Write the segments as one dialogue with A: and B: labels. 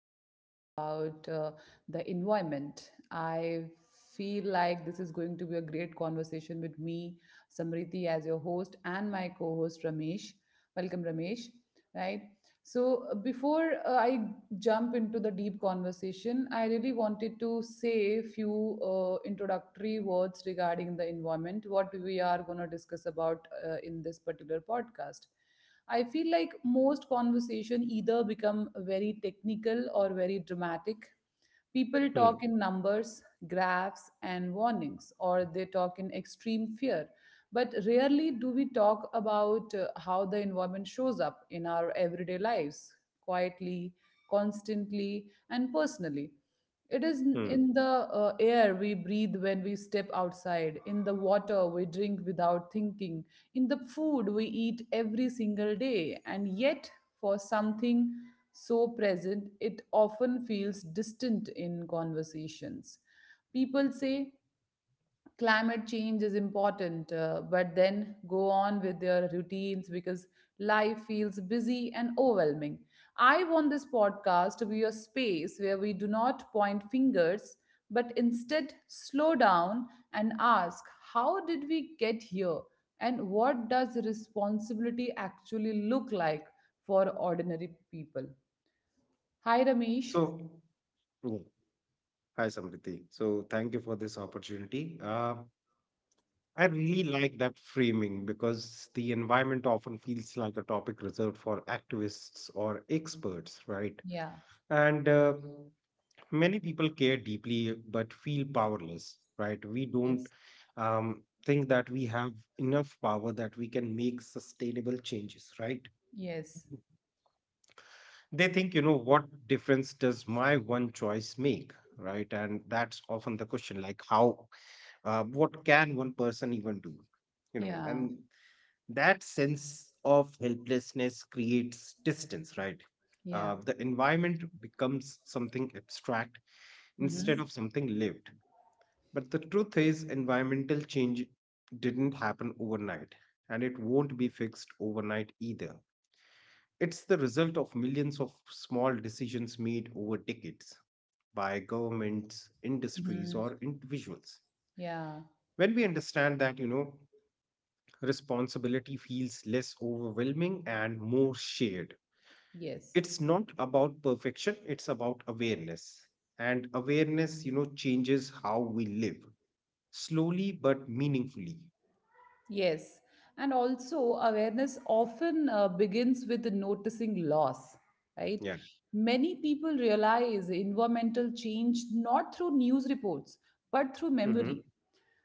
A: where we talk about the environment. I feel like this is going to be a great conversation with me, Samriti, as your host, and my co host, Ramesh. Welcome, Ramesh. Right. So, before I jump into the deep conversation, I really wanted to say a few introductory words regarding the environment, what we are going to discuss about in this particular podcast. I feel like most conversation either become very technical or very dramatic. People talk
B: Hmm.
A: in numbers, graphs, and warnings, or they talk in extreme fear. But rarely do we talk about how the environment shows up in our everyday lives, quietly, constantly, and personally. It is
B: Hmm.
A: in the air we breathe when we step outside, in the water we drink without thinking, in the food we eat every single day, and yet for something so present, it often feels distant in conversations. People say climate change is important, but then go on with their routines because life feels busy and overwhelming. I want this podcast to be a space where we do not point fingers, but instead slow down and ask how did we get here and what does responsibility actually look like for ordinary people? Hi,
B: So,
A: Ramesh.
B: mm, hi Samriti. So, thank you for this opportunity. I really like that framing because the environment often feels like a topic reserved for activists or experts, right?
A: Yeah.
B: And many people care deeply but feel powerless, right? We don't
A: Yes.
B: think that we have enough power that we can make sustainable changes, right?
A: Yes.
B: They think, what difference does my one choice make, right? And that's often the question, like, how what can one person even do,
A: Yeah.
B: and that sense of helplessness creates distance, right?
A: Yeah.
B: The environment becomes something abstract instead
A: Hmm.
B: of something lived. But the truth is environmental change didn't happen overnight, and it won't be fixed overnight either. It's the result of millions of small decisions made over decades by governments, industries,
A: Hmm.
B: or individuals.
A: Yeah.
B: When we understand that, responsibility feels less overwhelming and more shared.
A: Yes.
B: It's not about perfection, it's about awareness. And awareness, changes how we live, slowly but meaningfully.
A: Yes. And also, awareness often begins with the noticing loss, right?
B: Yeah.
A: Many people realize environmental change not through news reports, but through
B: Mm-hmm.
A: memory.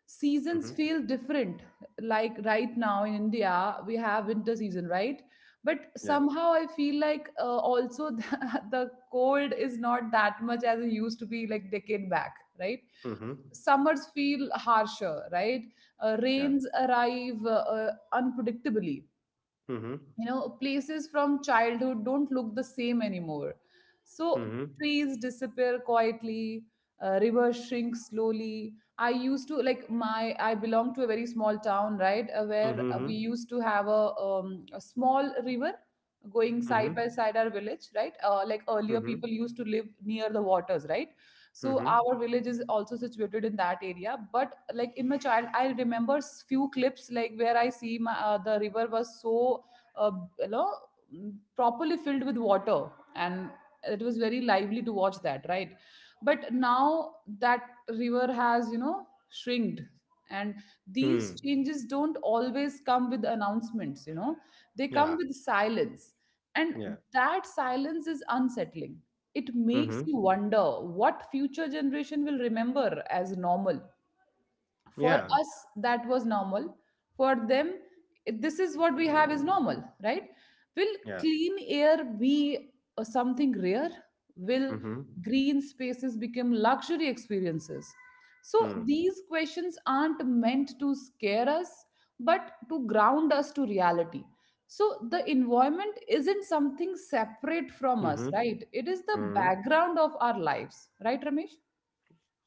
A: Seasons
B: Mm-hmm.
A: feel different. Like right now in India, we have winter season, right? But
B: Yeah.
A: somehow I feel like also the cold is not that much as it used to be like decade back, right?
B: Mm-hmm.
A: Summers feel harsher, right?
B: Yeah.
A: Rains arrive unpredictably.
B: Mm-hmm.
A: You know, places from childhood don't look the same anymore, so
B: Mm-hmm.
A: trees disappear quietly. Rivers shrink slowly. I used to like my I belong to a very small town, right, where
B: Mm-hmm.
A: we used to have a small river going
B: Mm-hmm.
A: side by side our village, right? Like earlier
B: Mm-hmm.
A: people used to live near the waters, right? So
B: Mhm.
A: our village is also situated in that area, but like in my child I remember few clips, like where I see my the river was so, uh, you know properly filled with water, and it was very lively to watch that, right? But now that river has, shrinked. And these
B: Hmm.
A: changes don't always come with announcements. They come
B: Yeah.
A: with silence,
B: Yeah.
A: and that silence is unsettling. It makes
B: Mhm.
A: you wonder what future generation will remember as normal. For
B: Yeah.
A: us that was normal. For them, this is what we have is normal, right? Will
B: Yeah.
A: clean air be something rare? Will
B: Mhm.
A: green spaces become luxury experiences? So
B: Hmm.
A: these questions aren't meant to scare us, but to ground us to reality. So the environment isn't something separate from us,
B: Mhm.
A: right? It is the
B: Mhm.
A: background of our lives, right, Ramesh?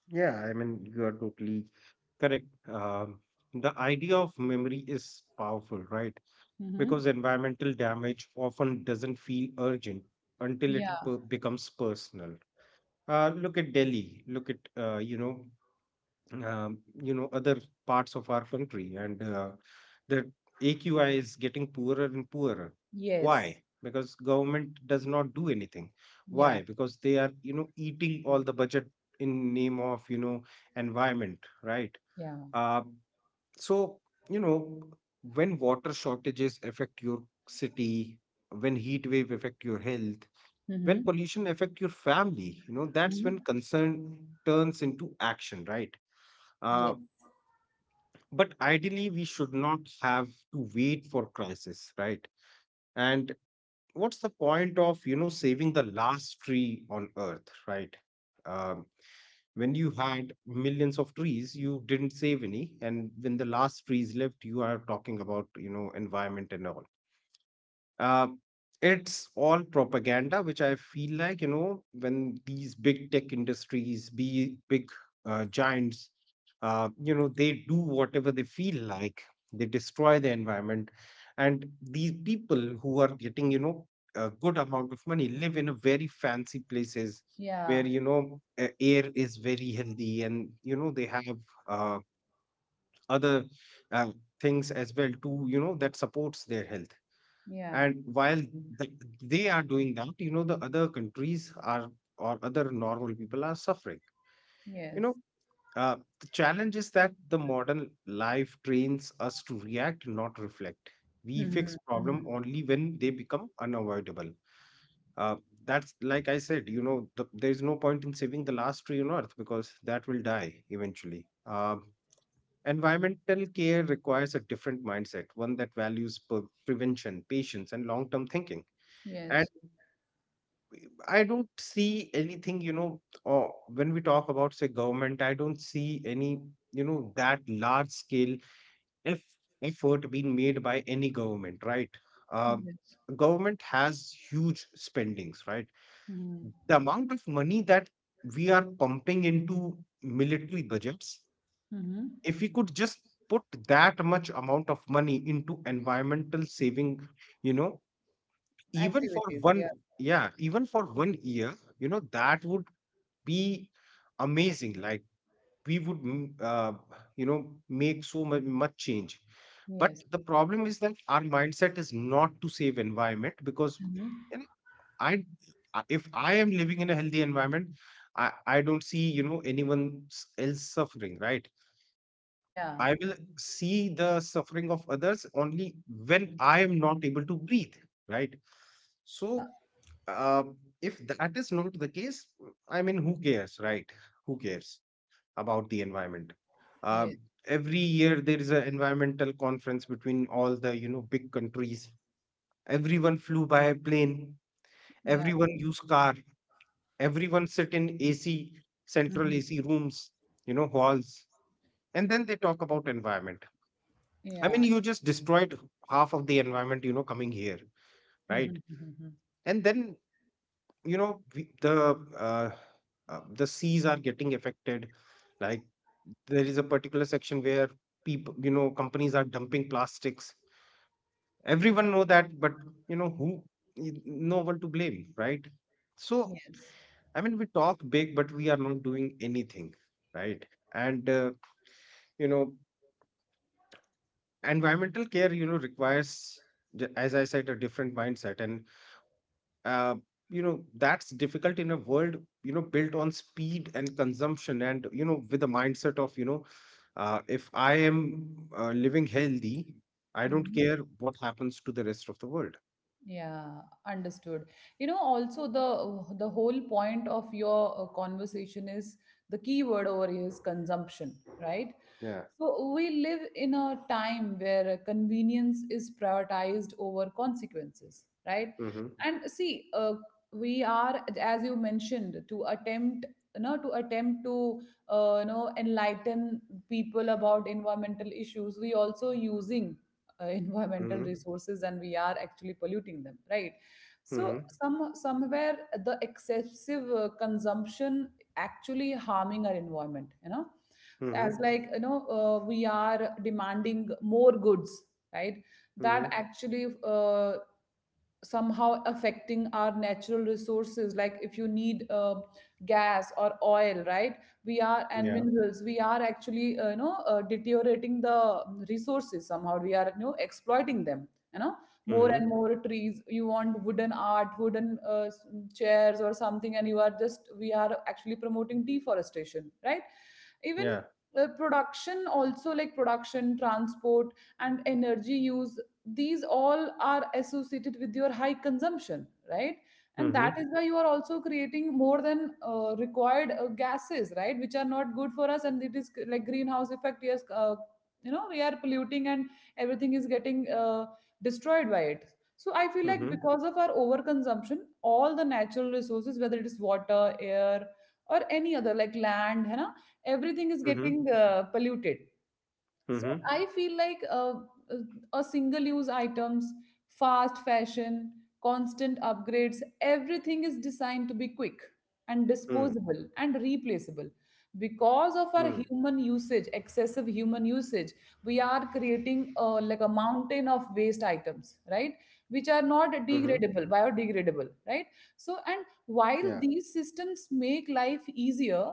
B: Yeah. I mean, you are totally correct. The idea of memory is powerful, right?
A: Hmm.
B: Because environmental damage often doesn't feel urgent until it
A: Yeah.
B: per- becomes personal. Look at Delhi. Look at other parts of our country, and the aqi is getting poorer and poorer. Why?
A: Yes.
B: Because government does not do anything. Why?
A: Yeah.
B: Because they are, eating all the budget in name of, environment, right?
A: Yeah.
B: uh, so, you know when water shortages affect your city, when heat wave affect your health, when
A: Mhm.
B: pollution affect your family, that's when
A: Mhm.
B: concern turns into action, right? uh,
A: Yes.
B: but ideally we should not have to wait for crisis, right? And what's the point of, saving the last tree on earth, right? um, when you had millions of trees you didn't save any, and when the last trees left you are talking about, environment and all. uh, it's all propaganda, which I feel like, you know, when these big tech industries, be big giants, you know, they do whatever they feel like, they destroy the environment. And these people who are getting, you know, a good amount of money live in a very fancy places
A: Yeah.
B: where, you know, air is very healthy, and, you know, they have uh, other uh, things as well too, you know, that supports their health.
A: Yeah.
B: And while th- they are doing that, you know, the other countries are, or other normal people are suffering, you
A: Yes.
B: know. The challenge is that the modern life trains us to react, not reflect. We
A: Mhm.
B: fix
A: Mhm.
B: problem only when they become unavoidable. uh, that's, like I said, you know, the, there is no point in saving the last tree on earth because that will die eventually. Um Environmental care requires a different mindset, one that values prevention, patience, and long-term thinking.
A: Yes.
B: I don't see anything, you know, or when we talk about, say, government, I don't see any, you know, that large scale eff effort being made by any government, right? Um,
A: Yes.
B: Government has huge spendings, right?
A: Mhm.
B: The amount of money that we are pumping into military budgets,
A: Mhm.
B: if we could just put that much amount of money into environmental saving, you know, even for
A: Activities. Yeah.
B: one, yeah, even for 1 year, you know, that would be amazing. Like we would you know, make so much, much change. But
A: Yes.
B: the problem is that our mindset is not to save environment because,
A: Mhm.
B: you know, i if I am living in a healthy environment, I I don't see, you know, anyone else suffering, right?
A: Yeah.
B: I will see the suffering of others only when I am not able to breathe, right? So
A: Yeah.
B: uh, if that is not the case, I mean, who cares, right? Who cares about the environment? Uh,
A: Yes.
B: every year there is an environmental conference between all the, you know, big countries. Everyone flew by plane.
A: Yeah.
B: Everyone used car. Everyone sit in AC, central
A: Mhm.
B: AC rooms, you know, halls, and then they talk about environment. I mean,
A: Yeah.
B: you just destroyed half of the environment, you know, coming here, right?
A: Mhm. Mhm.
B: And then, you know, we, the seas are getting affected. Like, there is a particular section where people, you know, companies are dumping plastics. Everyone know that, but you know who? No one to blame, right? So,
A: Yes. Yes.
B: I mean, we talk big but we are not doing anything, right? And you know, environmental care, you know, requires, as I said, a different mindset, and uh, you know, that's difficult in a world, you know, built on speed and consumption, and you know, with the mindset of, you know, if I am living healthy, I don't
A: Mhm.
B: care what happens to the rest of the world.
A: Yeah, understood. You know, also the whole point of your conversation is the key word over here is consumption, right?
B: Yeah.
A: So we live in a time where convenience is prioritized over consequences, right?
B: Mm-hmm.
A: And see, we are, as you mentioned, to attempt to, enlighten people about environmental issues. We also using environmental
B: Mm-hmm.
A: resources, and we are actually polluting them, right?
B: Mm-hmm.
A: So somewhere the excessive consumption actually harming our environment.
B: Mm-hmm.
A: As like, you know, we are demanding more goods, right?
B: Mm-hmm.
A: That actually somehow affecting our natural resources, like if you need gas or oil, right? We are, and
B: Yeah.
A: minerals, we are actually, deteriorating the resources, somehow we are, you know, exploiting them.
B: Mm-hmm.
A: More and more trees, you want wooden art, wooden chairs or something, and you are just we are actually promoting deforestation, right?
B: Yeah.
A: Even production also, like production, transport, and energy use, these all are associated with your high consumption, right? And
B: Mm-hmm.
A: that is why you are also creating more than required gases, right, which are not good for us, and it is like greenhouse effect, yes. We are polluting, and everything is getting destroyed by it. So I feel like
B: Mm-hmm.
A: because of our overconsumption, all the natural resources, whether it is water, air, or any other, like land है ना, everything is
B: Mm-hmm.
A: getting polluted. So
B: Mm-hmm.
A: I feel like, uh, a single use items, fast fashion, constant upgrades, everything is designed to be quick and disposable and replaceable. Because of
B: Mm-hmm.
A: our human usage, excessive human usage, we are creating, like a mountain of waste items, right?
B: Mm-hmm.
A: Which are not degradable, biodegradable, right? So,
B: Yeah.
A: and while these systems make life easier,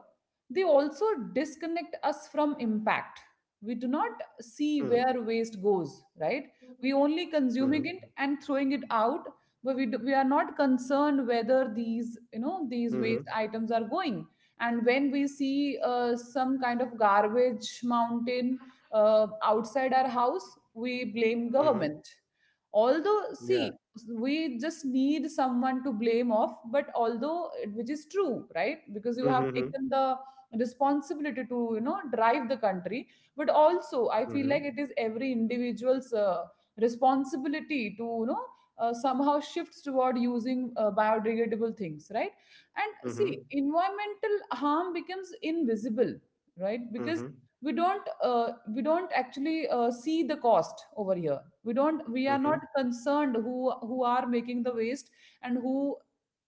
A: they also disconnect us from impact. We do not
B: Mm-hmm.
A: see where waste goes, right? We only
B: Mm-hmm.
A: consuming it and throwing it out, but we are not concerned whether these waste items are going. And when we see some kind of garbage mountain outside our house, we blame
B: Mm-hmm.
A: government, although,
B: Yeah.
A: see, we just need someone to blame off, but although which is true, right? Because you have
B: Mm-hmm.
A: taken the responsibility to, you know, drive the country. But also I feel like
B: Mm-hmm.
A: it is every individual's responsibility to, you know, somehow shifts toward using biodegradable things, right? And
B: Mm-hmm.
A: see, environmental harm becomes invisible, right? Because
B: Mm-hmm.
A: we don't actually see the cost over here. We don't we are not
B: Mm-hmm.
A: concerned who are making the waste, and who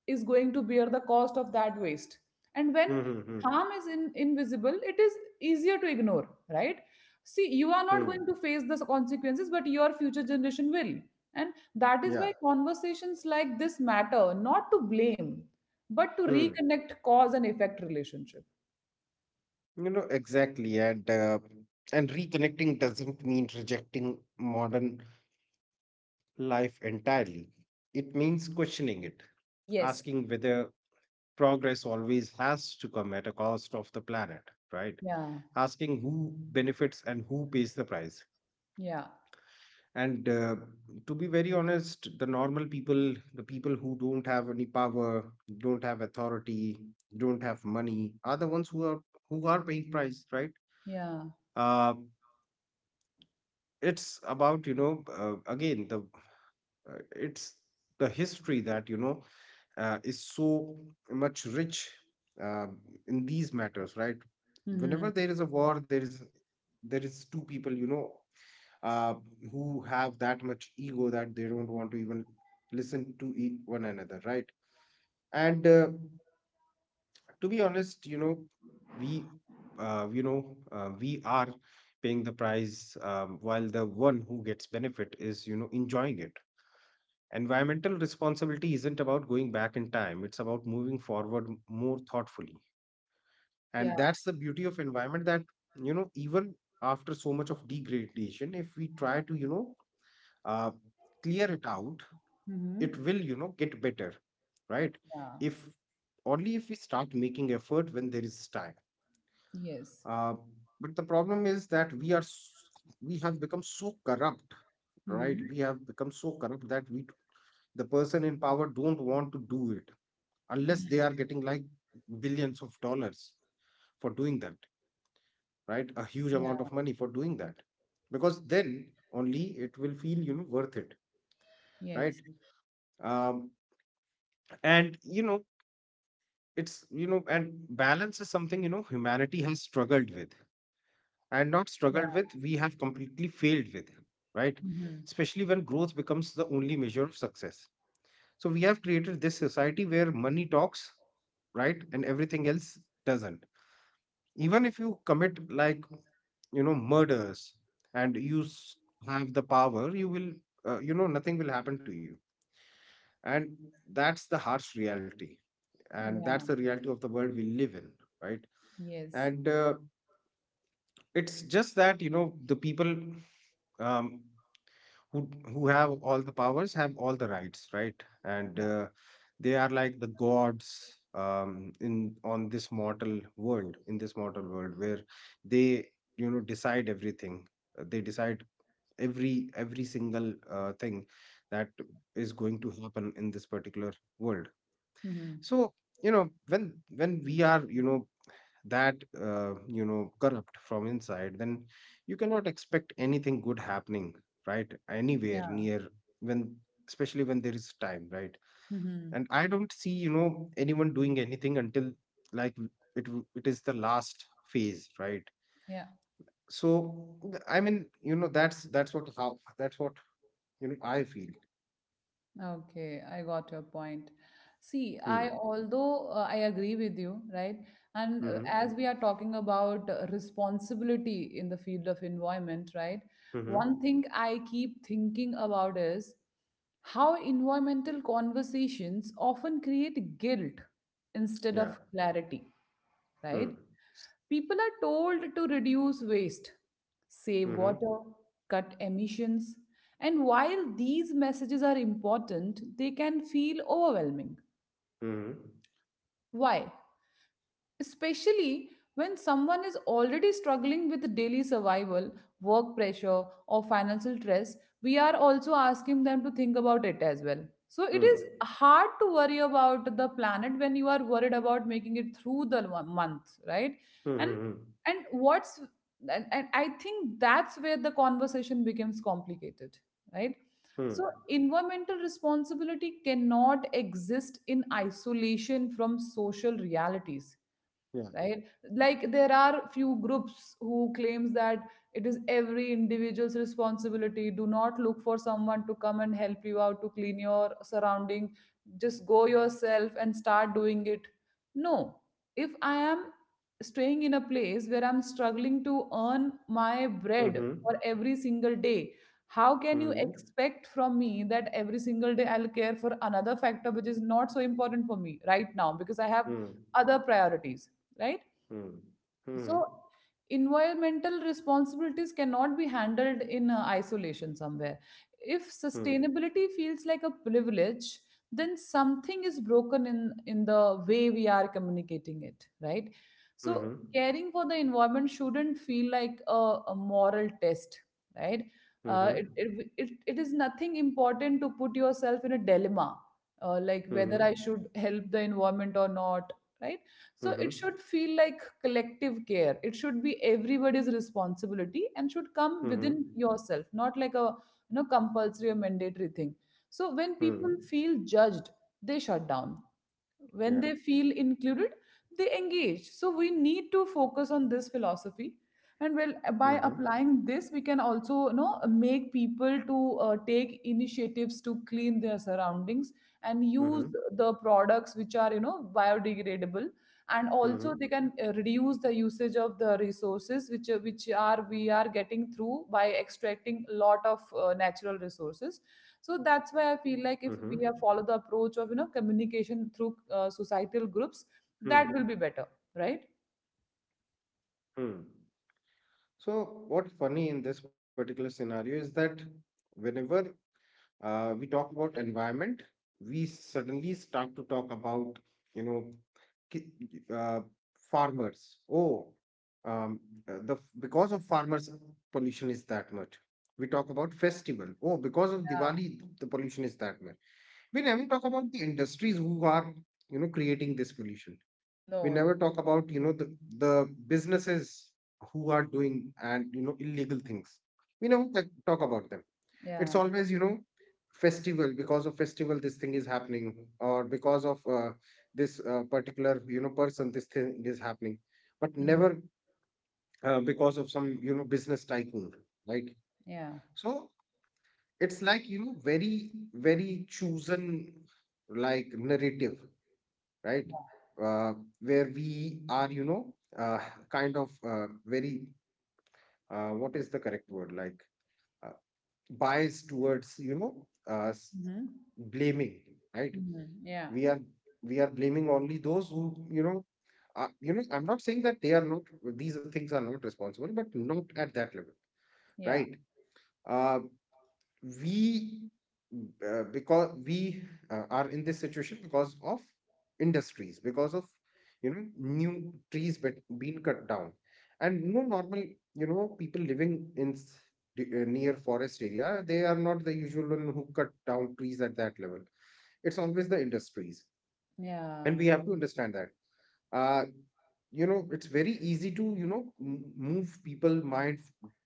A: is going to bear the cost of that waste. And when
B: Mm-hmm.
A: harm is invisible, it is easier to ignore, right? See, you are
B: Hmm.
A: not going to face the consequences, but your future generation will. And that
B: Yeah.
A: is why conversations like this matter, not to blame, but to
B: Hmm.
A: reconnect cause and effect relationship.
B: You know exactly, and reconnecting doesn't mean rejecting modern life entirely. It means questioning it,
A: Yes.
B: asking whether progress always has to come at a cost of the planet, right?
A: Yeah.
B: Asking who benefits and who pays the price.
A: Yeah.
B: And to be very honest, the normal people, the people who don't have any power, don't have authority, don't have money are the ones who are, who are paying price, right?
A: Yeah.
B: uh, it's about, you know, again, the it's the history that, you know, is so much rich uh, in these matters, right? Whenever
A: Mhm.
B: there is a war, there is, there is two people, you know, uh, who have that much ego that they don't want to even listen to one another, right? And to be honest, you know, we, we are paying the price, while the one who gets benefit is, you know, enjoying it. Environmental responsibility isn't about going back in time; it's about moving forward more thoughtfully, and
A: Yeah.
B: that's the beauty of environment. That, you know, even after so much of degradation, if we try to, you know, uh, clear it out, it
A: Mhm.
B: will, you know, get better, right?
A: Yeah.
B: If only if we start making effort when there is time.
A: Yes.
B: uh, but the problem is that we are we have become so corrupt, right?
A: Mhm.
B: We have become so corrupt that we the person in power don't want to do it unless they
A: Mhm.
B: are getting like billions of dollars for doing that, right? A huge
A: Yeah.
B: amount of money for doing that, because then only it will feel, you know, worth it, right?
A: Yes.
B: um, and you know, it's, you know, and balance is something, you know, humanity has struggled with, and not
A: Yeah.
B: struggled with, we have completely failed with, right?
A: Mhm.
B: Especially when growth becomes the only measure of success. So we have created this society where money talks, right? And everything else doesn't. Even if you commit like, you know, murders, and you have the power, you will you know, nothing will happen to you. And that's the harsh reality, and that's
A: Yeah.
B: the reality of the world we live in, right?
A: Yes.
B: And it's just that, you know, the people, um, who who have all the powers have all the rights, right? And
A: Yeah.
B: they are like the gods, in on this mortal world, in this mortal world where they, you know, decide everything. They decide every every single thing that is going to happen in this particular world.
A: Mhm.
B: So, you know, when when we are, you know, that you know, corrupt from inside, then you cannot expect anything good happening, right? Anywhere
A: Yeah.
B: near. When, especially when there is time, right?
A: Mhm.
B: And I don't see, you know, anyone doing anything until, like, it is the last phase, right?
A: Yeah.
B: So I mean, you know, that's what, how, that's what, you know, I feel.
A: Okay, I got your point. See,
B: Hmm.
A: I agree with you, right? And
B: Mm-hmm.
A: as we are talking about responsibility in the field of environment, right?
B: Mm-hmm.
A: One thing I keep thinking about is how environmental conversations often create guilt instead
B: Yeah.
A: of clarity, right?
B: Hmm.
A: People are told to reduce waste, save
B: Mm-hmm.
A: water, cut emissions, and while these messages are important, they can feel overwhelming.
B: Mm-hmm.
A: Why? Especially when someone is already struggling with daily survival, work pressure, or financial stress, we are also asking them to think about it as well. So it is hard to worry about the planet when you are worried about making it through the month, right? And
B: Mm-hmm.
A: and what's and I think that's where the conversation becomes complicated, right?
B: Mm-hmm.
A: So environmental responsibility cannot exist in isolation from social realities,
B: Yeah.
A: right? Like there are few groups who claims that it is every individual's responsibility. Do not look for someone to come and help you out to clean your surrounding, just go yourself and start doing it. No. If I am staying in a place where I'm struggling to earn my bread
B: Mm-hmm.
A: for every single day, how can you
B: Mhm.
A: expect from me that every single day I'll care for another factor which is not so important for me right now, because I have
B: Mhm.
A: other priorities, right?
B: Mhm.
A: So environmental responsibilities cannot be handled in isolation somewhere. If
B: Mhm.
A: sustainability feels like a privilege, then something is broken in the way we are communicating it, right? So
B: Mhm.
A: caring for the environment shouldn't feel like a moral test, right? Uh, it,
B: Mhm.
A: it, it, it is nothing important to put yourself in a dilemma, like whether I
B: Mhm.
A: should help the environment or not, right? So
B: Mhm.
A: it
B: Mhm.
A: should feel like collective care. It should be everybody's responsibility and should come within
B: Mhm.
A: yourself, not like a, compulsory or mandatory thing. So when people
B: Mhm.
A: feel judged, they shut down. When
B: Yeah.
A: they feel included, they engage. So we need to focus on this philosophy, and well, by
B: Mhm.
A: applying this, we can also, you know, make people to take initiatives to clean their surroundings, and use
B: Mhm.
A: the products which are, you know, biodegradable. And also they
B: Mhm.
A: can reduce the usage of the resources which are we are getting through by extracting a lot of natural resources. So that's why I feel like if we
B: Mhm.
A: have followed the approach of, you know, communication through societal groups,
B: Mhm.
A: that will be better, right?
B: Mhm. So, what's funny in this particular scenario is that whenever we talk about environment, we suddenly start to talk about, you know, ki- uh, farmers. Oh, um, the, because of farmers, pollution is that much. We talk about festival. Oh, because of
A: Yeah.
B: Diwali, the pollution is that much. We never talk about the industries who are, you know, creating this pollution. We
A: No.
B: never talk about, you know, the businesses who are doing and, you know, illegal things. We never talk about them.
A: Yeah.
B: It's always, festival, because of festival this thing is happening, or because of this particular person this thing is happening, but
A: Mhm.
B: never because of some, business tycoon, right.
A: Yeah.
B: So it's like, very very chosen, like, narrative, right. uh, where we are, kind of very what is the correct word, like, uh, biased towards,
A: Mm-hmm.
B: blaming, right.
A: Mm-hmm. Yeah.
B: We are we are blaming only those who, you know are, I'm not saying that they are not, these things are not responsible, but not at that level,
A: Yeah.
B: right. uh, we because we are in this situation because of industries, because of, new trees bet being cut down, and no normal, people living in near forest area, they are not the usual one who cut down trees at that level. It's always the industries, and
A: Yeah.
B: we have to understand that. uh it's very easy to, move people mind,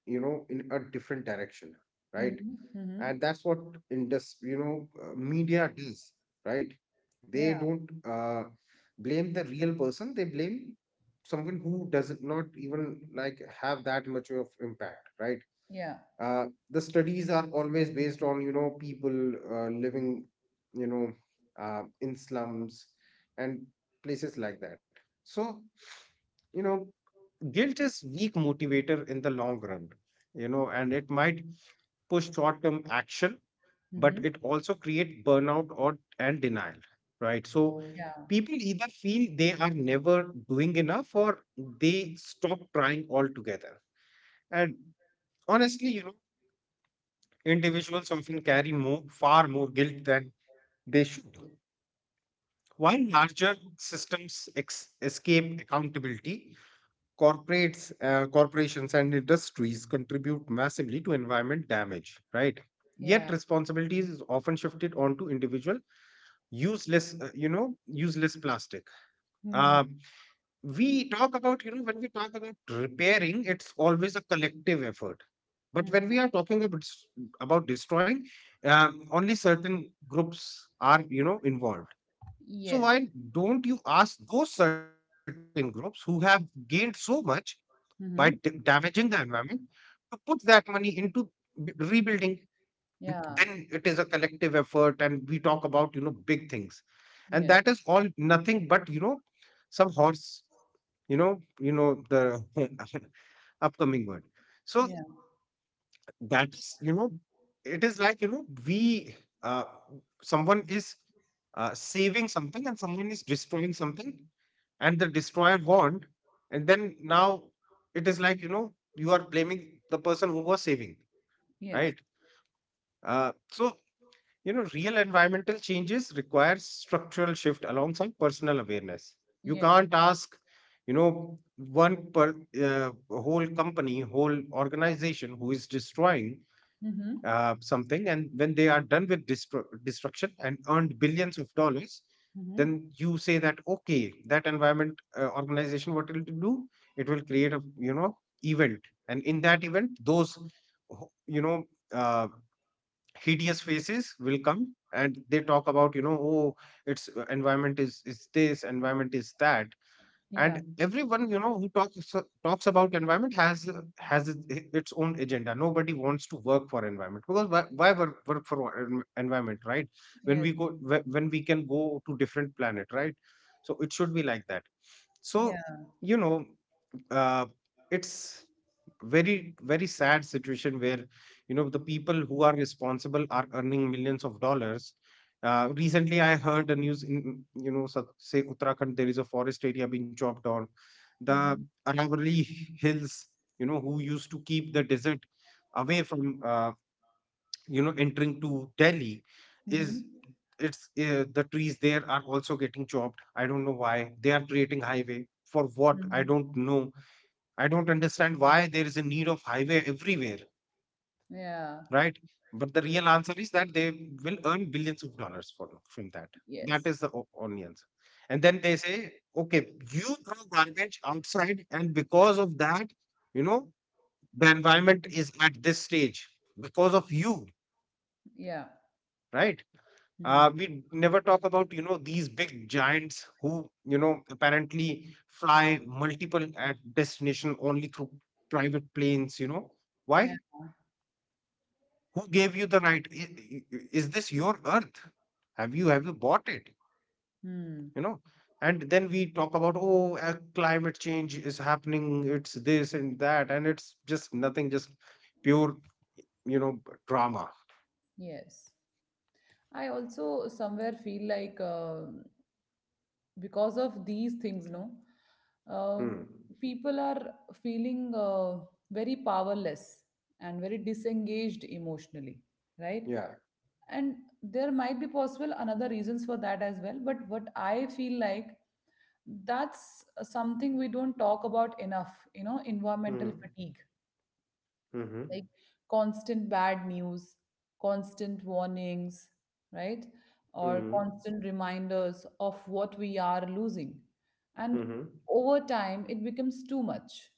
B: in a different direction, right.
A: Mm-hmm. Mm-hmm.
B: And that's what indus you know media does, right. They
A: Yeah.
B: don't, uh blame the real person, they blame someone who does not even like have that much of impact, right.
A: Yeah.
B: The studies are always based on, people, living, you know in slums and places like that. So, you know guilt is weak motivator in the long run, and it might push short term action, but
A: Mm-hmm.
B: it also create burnout or and denial, right. So
A: Yeah.
B: people either feel they are never doing enough, or they stop trying altogether. And honestly, individuals often carry more, far more guilt than they should, while larger systems escape accountability. Corporates, corporations, and industries contribute massively to environment damage. Right.
A: Yeah.
B: Yet responsibility is often shifted onto individual. Use less, use less plastic.
A: Mm-hmm.
B: Uh, we talk about, when we talk about repairing, it's always a collective effort, but when
A: Hmm.
B: we are talking about about destroying, only certain groups are, involved. So
A: Yes.
B: why don't you ask those certain groups who have gained so much by
A: Mm-hmm.
B: damaging the environment to put that money into rebuilding? Then
A: Yeah.
B: it is a collective effort, and we talk about, big things, and that
A: Yes.
B: is all nothing but, some horse, you know, you know, the upcoming word. So
A: Yeah.
B: that's, it is like, we, uh someone is, saving something, and someone is destroying something, and the destroyer won, and then now it is like, you are blaming the person who was saving,
A: Yes.
B: right. So, real environmental changes require structural shift alongside personal awareness. You
A: Yes.
B: can't ask, one per whole company, whole organization who is destroying
A: Mm-hmm.
B: something, and when they are done with destruction and earned billions of dollars,
A: Mm-hmm.
B: then you say that, okay, that environment, organization, what it will do? It will create a, event, and in that event, those who- you know. Uh, hideous faces will come, and they talk about, oh it's, environment is this, environment is that,
A: Yeah.
B: and everyone, who talks talks about environment, has, has its own agenda. Nobody wants to work for environment, because why, work for environment, right. When
A: Yes.
B: we go when we can go to different planet, right. So it should be like that. So,
A: Yeah.
B: you know uh, it's very very sad situation, where, the people who are responsible are earning millions of dollars. Recently I heard the news in, say Uttarakhand there is a forest area being chopped on. The
A: Mm-hmm.
B: Aravalli hills, who used to keep the desert away from, entering to Delhi, is
A: Mm-hmm.
B: it's the trees there are also getting chopped. I don't know why they are creating highway. For what, I
A: Mm-hmm.
B: don't know. I don't understand why there is a need of highway everywhere,
A: Yeah.
B: right? But the real answer is that they will earn billions of dollars for, from that. That
A: Yes.
B: is the only answer. And then they say, okay, you throw garbage outside, and because of that, you know, the environment is at this stage because of you,
A: Yeah.
B: right?
A: Mhm.
B: We never talk about, you know, these big giants who, you know, apparently fly multiple at destination only through private planes, you know.
A: Yeah.
B: Why? Who gave you the right? Is this your earth? Have you bought it,
A: Hmm.
B: you know? And then we talk about, oh, climate change is happening, it's this and that, and it's just nothing, just pure, drama.
A: Yes. I also somewhere feel like because of these things, no,
B: Hmm.
A: uh, people are feeling very powerless and very disengaged emotionally, right?
B: Yeah.
A: And there might be possible another reasons for that as well. But what I feel like that's something we don't talk about enough, you know, environmental
B: Hmm.
A: fatigue
B: Hmm.
A: like constant bad news, constant warnings, right? Or constant reminders of what we are losing. And over time, it becomes too much.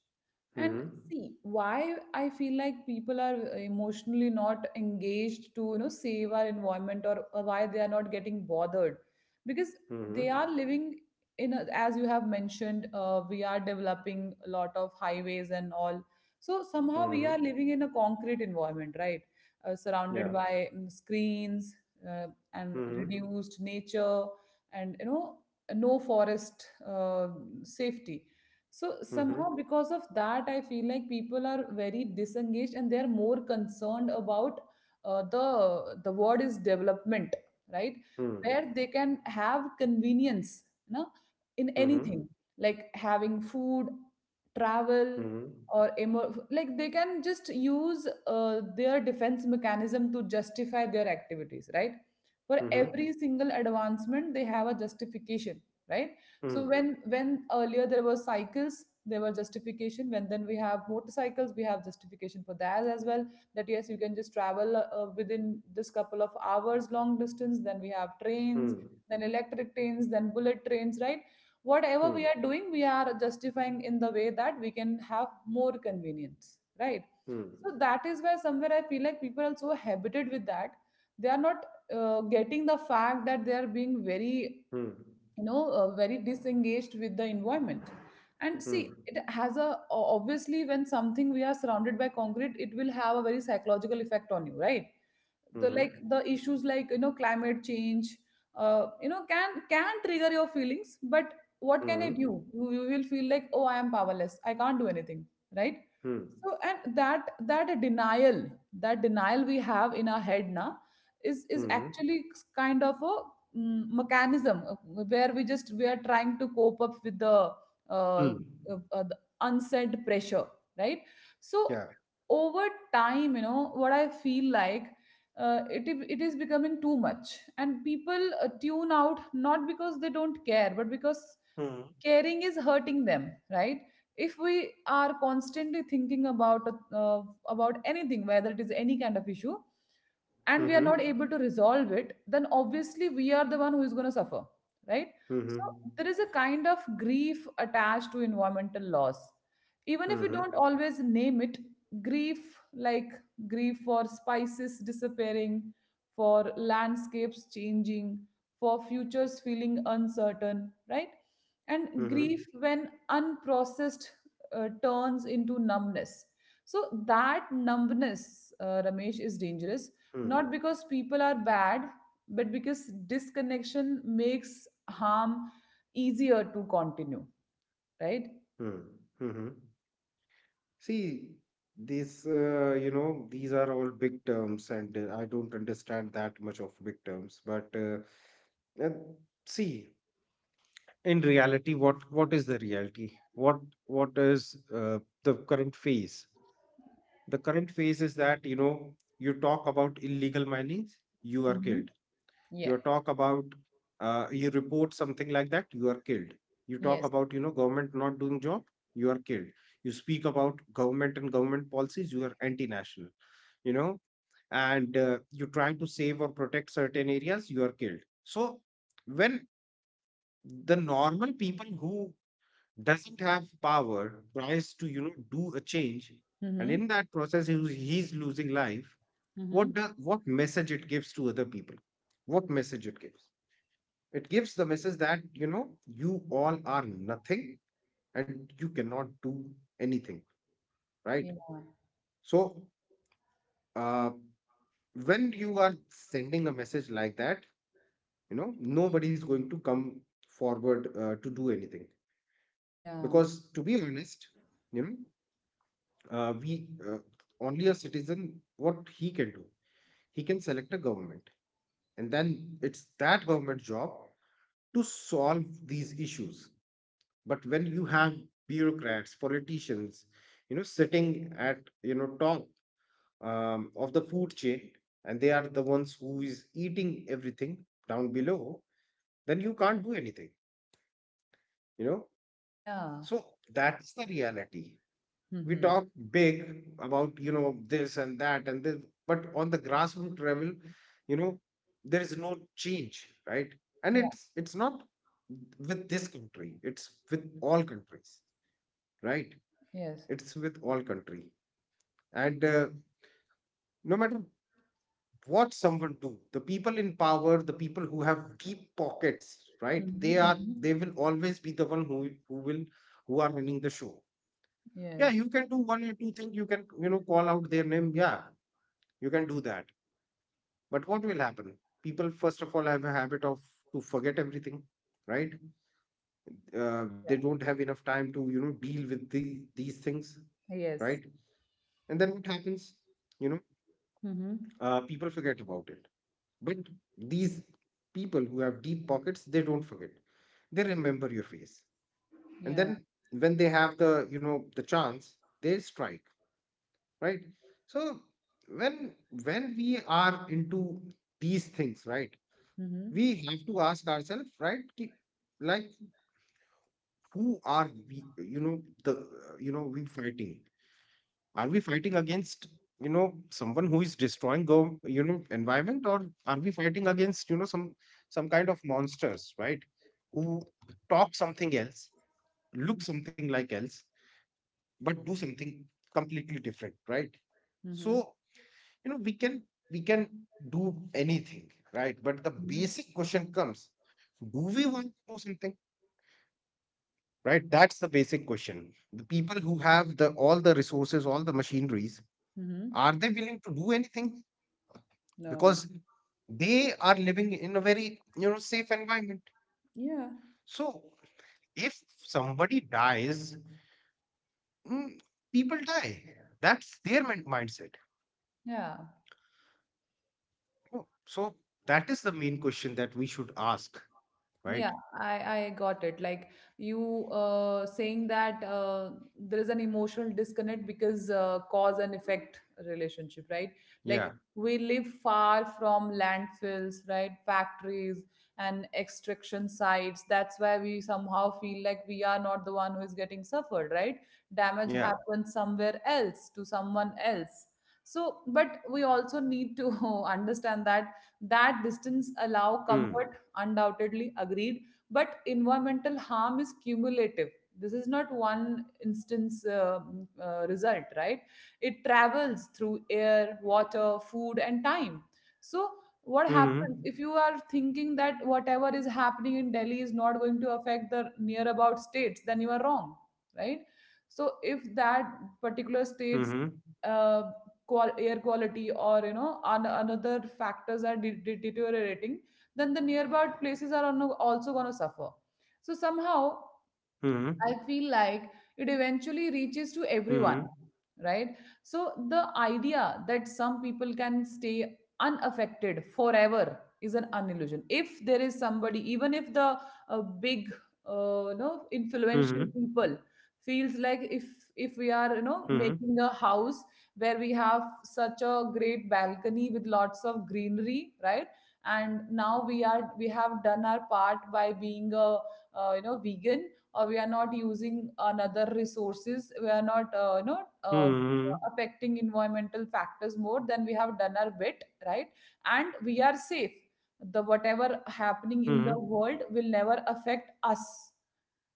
A: And see why I feel like people are emotionally not engaged to you know save our environment, or why they are not getting bothered, because they are living in a, as you have mentioned, we are developing a lot of highways and all, so somehow we are
B: Hmm.
A: living in a concrete environment, right?
B: Yeah.
A: Surrounded by screens, uh, and
B: Hmm.
A: reduced nature, and you know no forest safety. So
B: Hmm.
A: somehow because of that, I feel like people are very disengaged and they're more concerned about, the word is, development, right?
B: Hmm.
A: Where they can have convenience, you know, in
B: Hmm.
A: anything, like having food, travel,
B: Hmm.
A: or like they can just use their defense mechanism to justify their activities, right? For
B: Hmm. Hmm.
A: every single advancement, they have a justification, right? So when earlier there were cycles, there were justification; when then we have motorcycles, we have justification for that as well, that yes, you can just travel within this couple of hours long distance; then we have trains,
B: Hmm. Hmm.
A: then electric trains, then bullet trains, right? Whatever we are doing, we are justifying in the way that we can have more convenience, right? So
B: Hmm.
A: that is where somewhere I feel like people are so habited with that, they are not getting the fact that they are being very,
B: Hmm.
A: you know, very disengaged with the environment. And see,
B: Hmm.
A: it has a obviously, when something we are surrounded by concrete, it will have a very psychological effect on you, right? The, like
B: Hmm.
A: the issues like you know climate change, you know can trigger your feelings, but what can I do,
B: Hmm.
A: you will feel like oh, I am powerless, I can't do anything, right?
B: Hmm.
A: So and that denial, that denial we have in our head now is
B: Mhm.
A: actually kind of a mechanism, where we are trying to cope up with uh,
B: Mhm.
A: the unsaid pressure, right?
B: Yeah.
A: So over time, you know, what I feel like, it is becoming too much and people tune out not because they don't care but because
B: Mhm.
A: caring is hurting them, right? If we are constantly thinking about, uh, about anything, whether it is any kind of issue, and we are not
B: Mhm.
A: able to resolve it, then obviously we are the one who is going to suffer, right? So
B: Mhm.
A: there is a kind of grief attached to environmental loss, even if we don't
B: Mhm.
A: always name it. Grief like grief for spices disappearing, for landscapes changing, for futures feeling uncertain, right? And
B: Mhm.
A: grief, when unprocessed, turns into numbness. So that numbness, Ramesh, is dangerous,
B: Mhm.
A: not because people are bad, but because disconnection makes harm easier to continue, right?
B: Mhm. Mhm. See, these, these are all big terms, and I don't understand that much of big terms. But uh, see, in reality, what is the reality? What what is, the current phase? The current phase is that, you know, you talk about illegal mining, you are
A: Hmm.
B: killed.
A: Yeah.
B: You talk about, you report something like that, you are killed. You talk
A: Yes.
B: about, government not doing job, you are killed. You speak about government and government policies, you are anti-national, you know. And, you try to save or protect certain areas, you are killed. So when the normal people who doesn't have power tries to, do a change, and
A: Hmm.
B: in that process he's losing life,
A: Hmm.
B: what the, what message it gives to other people? What message it gives? It gives the message that, you know, you all are nothing, and you cannot do anything, right?
A: Yeah.
B: So, uh, when you are sending a message like that, you know, nobody is going to come forward to do anything.
A: Yeah.
B: Because to be honest, you know, we only a citizen, what he can do, he can select a government. And then it's that government job to solve these issues. But when you have bureaucrats politicians, sitting at, top, of the food chain, and they are the ones who is eating everything down below, then you can't do anything, you know.
A: Yeah.
B: So that's the reality. We
A: Hmm.
B: talk big about, this and that and this, but on the grassroots level, you know, there is no change, right. And
A: Yeah.
B: it's not with this country, it's with all countries, right.
A: Yes.
B: It's with all country. And, no matter what someone do, the people in power, the people who have deep pockets, right?
A: Hmm.
B: They
A: Hmm.
B: will always be the one who are running the show. Yeah,
A: Yes.
B: you can do one or two things. You can, you know, call out their name. Yeah, you can do that. But what will happen? People first of all have a habit of to forget everything, right? They
A: Yeah.
B: don't have enough time to, you know, deal with these things,
A: Yes.
B: right? And then what happens? You know,
A: Hmm.
B: people forget about it. But these people who have deep pockets, they don't forget. They remember your face. And
A: Yeah.
B: then when they have the, you know, the chance, they strike, right? So when when we are into these things, right?
A: Hmm.
B: We have to ask ourselves, right? Like who are we, we fighting? Are we fighting against, you know, someone who is destroying the, you know, environment? Or are we fighting against, you know, some kind of monsters, right? Who talk something else, look
A: Hmm.
B: something like else, but do something completely different, right?
A: Hmm.
B: So, you know, we can do anything, right? But the
A: Hmm.
B: basic question comes: do we want to do something, right? That's the basic question. The people who have the all the resources, all the machineries,
A: Hmm.
B: are they willing to do anything?
A: No.
B: Because they are living in a very, you know, safe environment.
A: Yeah.
B: So if somebody dies, mm, people die, that's their mindset.
A: Yeah.
B: Oh, so that is the main question that we should ask,
A: Yeah,
B: right.
A: I got it. Like you, saying that there is an emotional disconnect because, cause and effect relationship, right?
B: Yeah.
A: Like we live far from landfills, right? Factories and extraction sites. That's why we somehow feel like we are not the one who is getting suffered, right? Damage
B: Yeah.
A: happens somewhere else to someone else. So, but we also need to understand that that distance allow
B: Mm.
A: comfort, undoubtedly agreed, but environmental harm is cumulative; this is not one instance result, right? It travels through air, water, food and time. So what
B: Hmm.
A: happens if you are thinking that whatever is happening in Delhi is not going to affect the near about states, then you are wrong, right? So if that
B: Hmm.
A: particular states uh, air quality or you know another factors are deteriorating, then the nearby places are also going to suffer. So somehow
B: Hmm.
A: I feel like it eventually reaches to
B: Hmm.
A: everyone, right? So the idea that some people can stay unaffected forever is an unillusion. If there is somebody, even if the big, you know,
B: Hmm. Hmm.
A: influential people feels like, if we are, you know,
B: Hmm.
A: making a house where we have such a great balcony with lots of greenery, right, and now we have done our part by being a, you know, vegan, or we are not using another resources, we are not, you know,
B: Hmm.
A: affecting environmental factors more than, we have done our bit, right, and we are safe, the whatever happening in the
B: Hmm.
A: world will never affect us —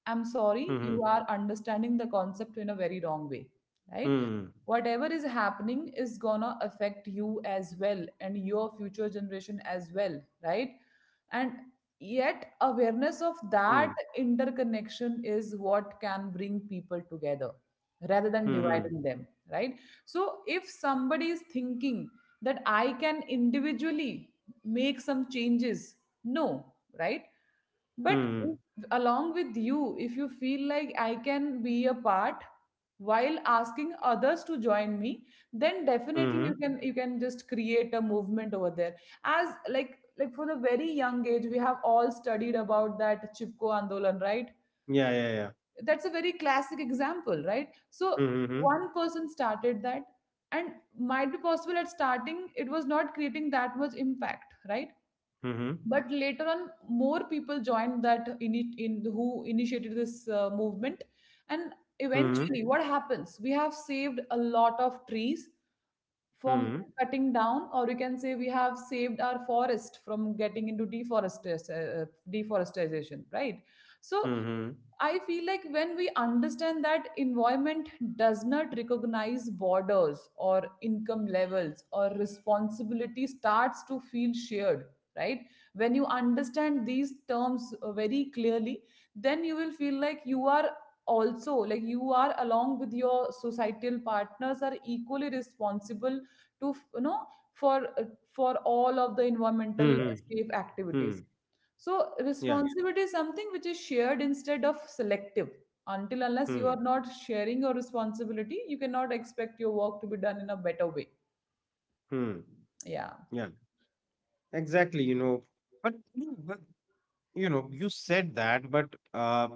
A: I'm sorry, you
B: Hmm.
A: are understanding the concept in a very wrong way, right? Whatever is happening is gonna affect you as well and your future generation as well, right? And yet, awareness of that
B: Hmm.
A: interconnection is what can bring people together rather than
B: Hmm.
A: dividing them, right? So, if somebody is thinking that I can individually make some changes, no, right? But
B: Hmm.
A: if, along with you, if you feel like I can be a part while asking others to join me, then definitely
B: Hmm.
A: you can just create a movement over there. As like for the very young age, we have all studied about that Chipko Andolan, right?
B: Yeah. Yeah. Yeah.
A: That's a very classic example, right? So
B: Hmm. Hmm.
A: one person started that, and might be possible at starting it was not creating that much impact, right?
B: Hmm.
A: But later on more people joined that, in who initiated this movement, and eventually
B: Hmm.
A: what happens, we have saved a lot of trees from
B: Hmm.
A: cutting down, or you can say we have saved our forest from getting into deforestation, deforestation, right? So
B: Hmm. Hmm.
A: I feel like, when we understand that environment does not recognize borders or income levels, or responsibility starts to feel shared, right? When you understand these terms very clearly, then you will feel like you are also, like you are along with your societal partners, are equally responsible to you know, for, uh, for all of the environmental
B: Hmm.
A: safe activities.
B: Hmm.
A: So
B: Yeah.
A: responsibility is something which is shared instead of selective. Until unless you
B: Hmm.
A: are not sharing your responsibility, you cannot expect your work to be done in a better way.
B: Hmm.
A: Yeah.
B: Yeah. Exactly. You know, but you know, but, you know, you said that, but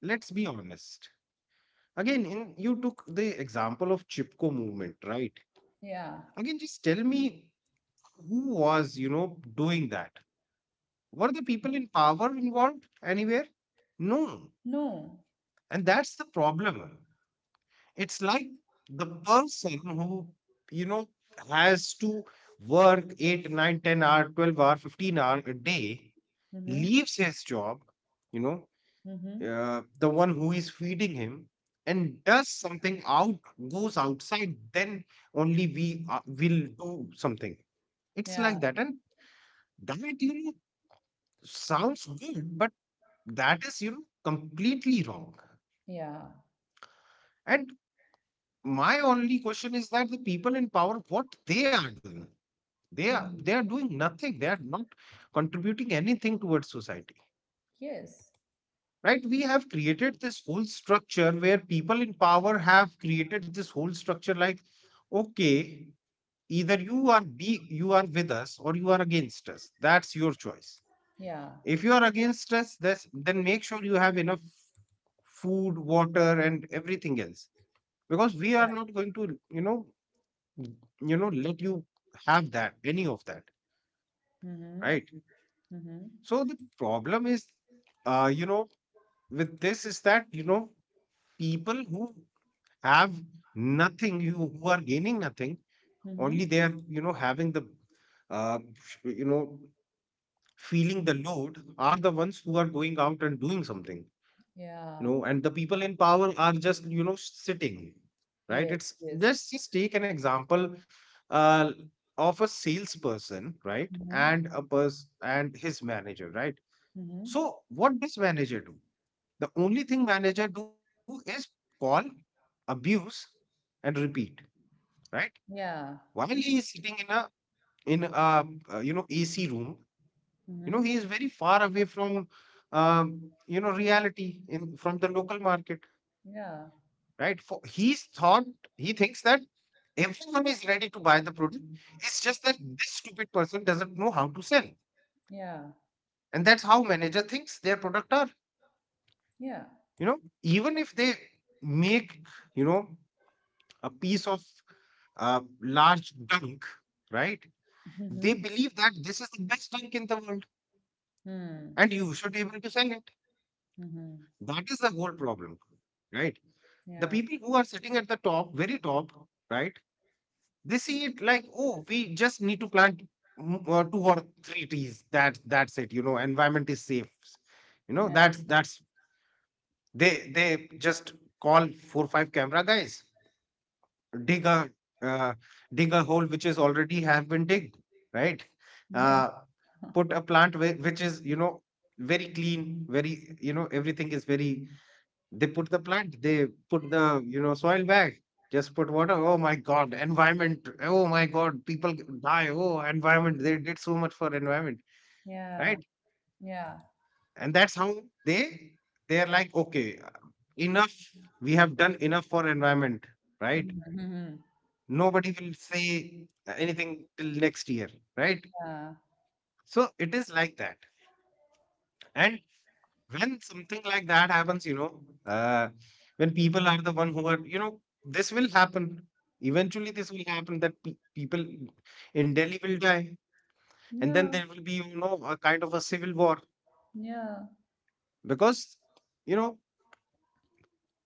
B: let's be honest. Again, in you took the example of Chipko movement, right?
A: Yeah.
B: Again, just tell me who was, you know, doing that. Were the people in power involved anywhere? No,
A: No.
B: and that's the problem. It's like the person who, you know, has to work 8, 9, 10 hour, 12 hour, 15 hour a day,
A: Mm-hmm.
B: leaves his job, you know,
A: Mm-hmm.
B: the one who is feeding him and does something out, goes outside, then only we, will do something. It's
A: Yeah.
B: like that. And that, sounds good, but that is, completely wrong.
A: Yeah.
B: And my only question is that the people in power, what they are doing. They are
A: Hmm.
B: doing nothing. They are not contributing anything towards society,
A: Yes.
B: right? We have created this whole structure where people in power have created this whole structure like, okay, either you are with us or you are against us. That's your choice.
A: Yeah.
B: If you are against us this, then make sure you have enough food, water and everything else, because we are
A: Yeah.
B: not going to let you have that, any of that,
A: Mm-hmm.
B: right?
A: Mm-hmm.
B: So the problem is, uh, you know, with this is that, people who have nothing, who are gaining nothing,
A: Mm-hmm.
B: only they are, having uh, you know, feeling the load, are the ones who are going out and doing something,
A: Yeah.
B: and the people in power are just, sitting, right?
A: Yes.
B: It's
A: Yes.
B: just take an example, uh, of a salesperson, right?
A: Mm-hmm.
B: And a person and his manager, right?
A: Mm-hmm.
B: So what does manager do? The only thing manager do is call, abuse and repeat, right?
A: Yeah.
B: While he is sitting in a ac room. You know,
A: Mm-hmm.
B: he is very far away from um, reality in from the local market,
A: Yeah.
B: right? for he's thought He thinks that everyone is ready to buy the product. It's just that this stupid person doesn't know how to sell.
A: Yeah,
B: And that's how manager thinks their product are.
A: yeah.
B: You know, even if they make, you know a piece of large dunk, right? They
A: Mhm.
B: believe that this is the best dunk in the world
A: Mm.
B: and you should be able to sell it.
A: Mhm.
B: That is the whole problem, right? The
A: Yeah.
B: people who are sitting at the top, very top, right? They see it like, oh, we just need to plant two or three trees. That's it. You know, environment is safe. You know,
A: Yeah.
B: that's they just call 4 5 camera guys, dig a uh, dig a hole which is already have been digged, right?
A: Yeah.
B: uh, Put a plant which is, you know, very clean, very, you know, everything is very. They put the plant, they put the, you know, soil back, just put water. Oh my god, environment. Oh my god, people die. Oh, environment, they did so much for environment,
A: Yeah.
B: right?
A: Yeah.
B: And that's how they, they're like, okay, enough, we have done enough for environment, right?
A: Mhm.
B: Nobody will say anything till next year, right?
A: Yeah.
B: So it is like that. And when something like that happens, when people are the one who are, you know, this will happen. Eventually, this will happen that people in Delhi will die, and then
A: Yeah.
B: there will be, a kind of a civil war
A: Yeah.
B: because, you know,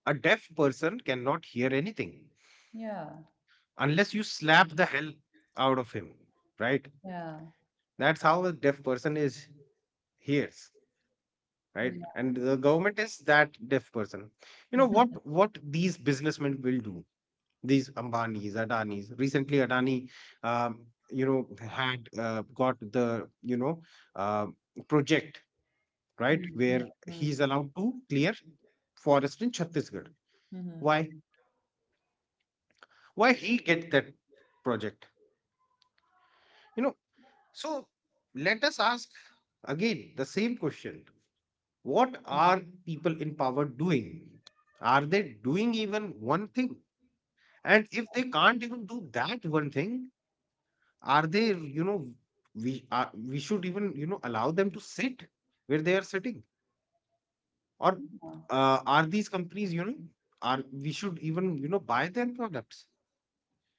B: a deaf person cannot hear anything
A: Yeah.
B: unless you slap the hell out of him, right?
A: Yeah.
B: That's how a deaf person is hears, right?
A: Yeah.
B: And the government is that deaf person. You know what these businessmen will do. These ambanis, adanis. Recently Adani, um, you know, had got the, you know, uh, project, right,
A: Mhm.
B: where
A: Mhm.
B: he's allowed to clear forest in Chhattisgarh.
A: Mhm.
B: Why? Why he get that project, you know? So let us ask again the same question. What
A: Mhm.
B: are people in power doing? Are they doing even one thing? And if they can't even do that one thing, are they, we should even, allow them to sit where they are sitting? Or
A: Yeah.
B: are these companies, you know, are we should even, buy their products,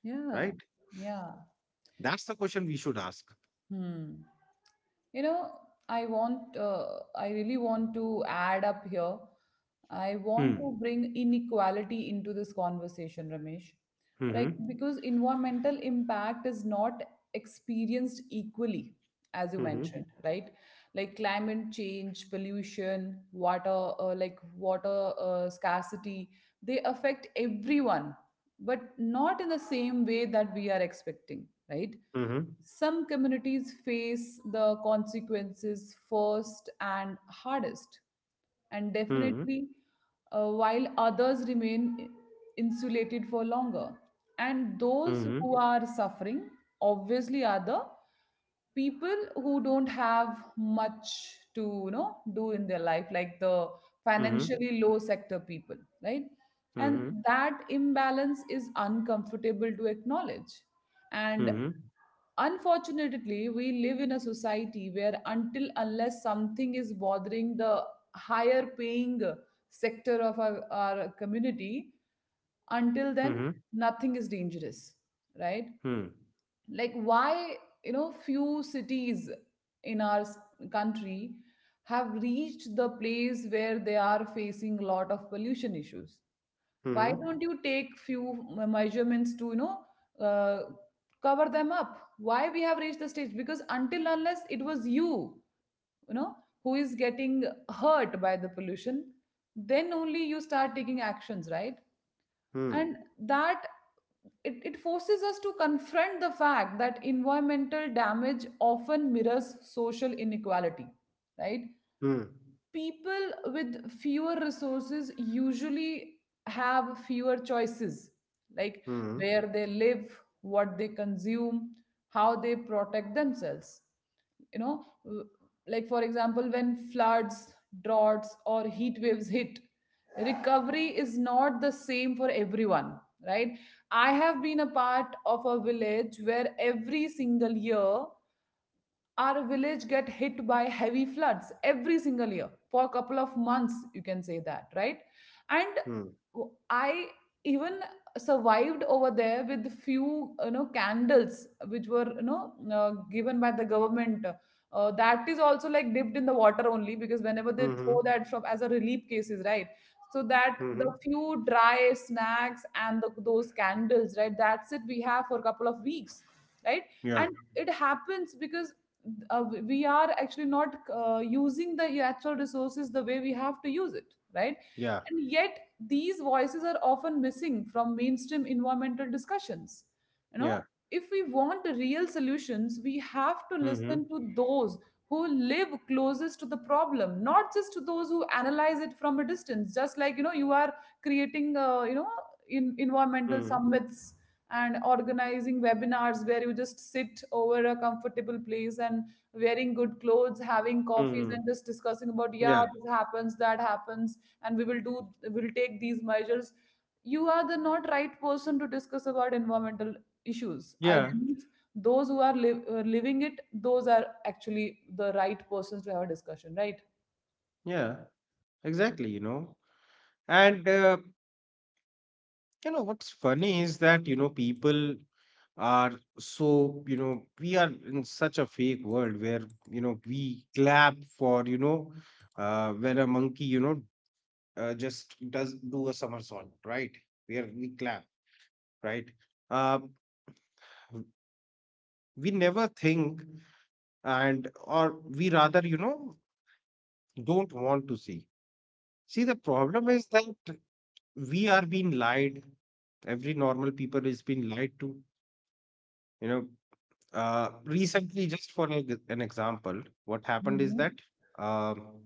A: Yeah.
B: right?
A: Yeah.
B: That's the question we should ask.
A: Hmm. You know, I want, uh, I really want to add up here. I want to
B: Hmm.
A: bring inequality into this conversation, Ramesh. Right?
B: Hmm.
A: Because environmental impact is not experienced equally, as you
B: Hmm.
A: mentioned, right? Like climate change, pollution, water, like water scarcity, they affect everyone, but not in the same way that we are expecting, right?
B: Hmm.
A: Some communities face the consequences first and hardest, and
B: Hmm. Hmm.
A: definitely, while others remain insulated for longer. And those
B: Hmm.
A: who are suffering obviously are the people who don't have much to you know do in their life, like the
B: Hmm.
A: financially low sector people, right?
B: Hmm.
A: And that imbalance is uncomfortable to acknowledge, and
B: Hmm. Hmm.
A: unfortunately we live in a society where until unless something is bothering the higher paying sector of our community, until
B: Hmm.
A: then nothing is dangerous, right? Like why, you know, few cities in our country have reached the place where they are facing a lot of pollution issues. Why
B: Hmm.
A: don't you take few measurements to, you know, uh, cover them up? Why we have reached the stage, because until unless it was you, you know, who is getting hurt by the pollution, then only you start taking actions, right?
B: Hmm.
A: And that, it forces us to confront the fact that environmental damage often mirrors social inequality, right? People with fewer resources usually have fewer choices, like
B: Hmm.
A: where they live, what they consume, how they protect themselves, you know, like for example, when floods, droughts or heat waves hit, recovery is not the same for everyone, right? I have been a part of a village where every single year our village get hit by heavy floods, every single year, for a couple of months, you can say that, right? And
B: Hmm.
A: I even survived over there with few, you know, candles which were, you know, given by the government, that is also like dipped in the water only, because whenever they throw
B: Hmm.
A: that from as a relief cases, right, so that the
B: Hmm.
A: few dry snacks and the, Those candles, right? That's it, we have for a couple of weeks, right?
B: Yeah.
A: And it happens because we are actually not using the natural resources the way we have to use it, right?
B: Yeah.
A: And yet these voices are often missing from mainstream environmental discussions, you know
B: Yeah.
A: if we want real solutions we have to
B: Mm-hmm.
A: listen to those who live closest to the problem, not just to those who analyze it from a distance, just like you know you are creating in environmental
B: Mm-hmm.
A: summits and organizing webinars where you just sit over a comfortable place and wearing good clothes, having coffees
B: Mm-hmm.
A: and just discussing about, yeah,
B: Yeah.
A: this happens, that happens, and we will do, we'll take these measures. You are the not right person to discuss about environmental issues, I
B: Yeah.
A: believe. Those who are living it, those are actually the right persons to have a discussion, right?
B: Yeah. Exactly, you know. And you know what's funny is that, you know, people are so, you know, we are in such a fake world where, you know, we clap for, when a monkey, just does do a somersault, right? We clap, right? Uh, we never think, and or we rather, you know, don't want to see. See, the problem is that we are being lied. Every normal people is being lied to. You know, recently, just for an an example, what happened is
A: Hmm.
B: that um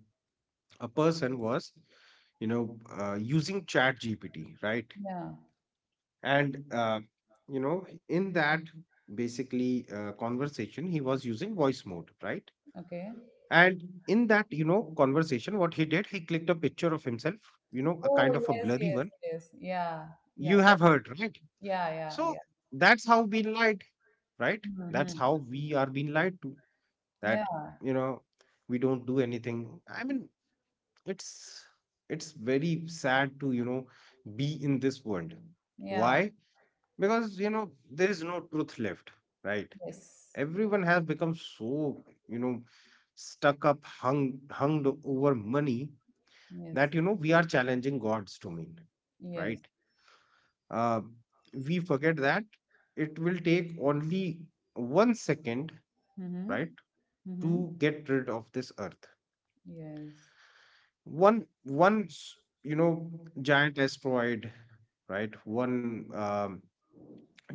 B: a person was, using Chat GPT, right?
A: Yeah.
B: And you know, in that basically conversation, he was using voice mode, right?
A: Okay.
B: And in that, conversation, what he did, he clicked a picture of himself, you know, a
A: Oh,
B: kind of a
A: yes,
B: blurry
A: yes,
B: one.
A: yes, yeah.
B: You
A: Yeah,
B: have heard, right?
A: yeah, yeah.
B: So
A: Yeah.
B: that's how being lied, right? That's
A: Mhm.
B: how we are being lied to. That,
A: Yeah,
B: you know, we don't do anything. I mean, it's it's very sad to, you know, be in this world.
A: yeah,
B: Why? Because you know there is no truth left, right?
A: yes,
B: Everyone has become so, you know, stuck up, hung over money,
A: yes,
B: that you know we are challenging gods to mean,
A: yes.
B: right? uh, we forget that it will take only 1 second,
A: Mm-hmm.
B: right,
A: Mm-hmm.
B: to get rid of this earth.
A: Yes,
B: one one s- you know, giant asteroid, right? One,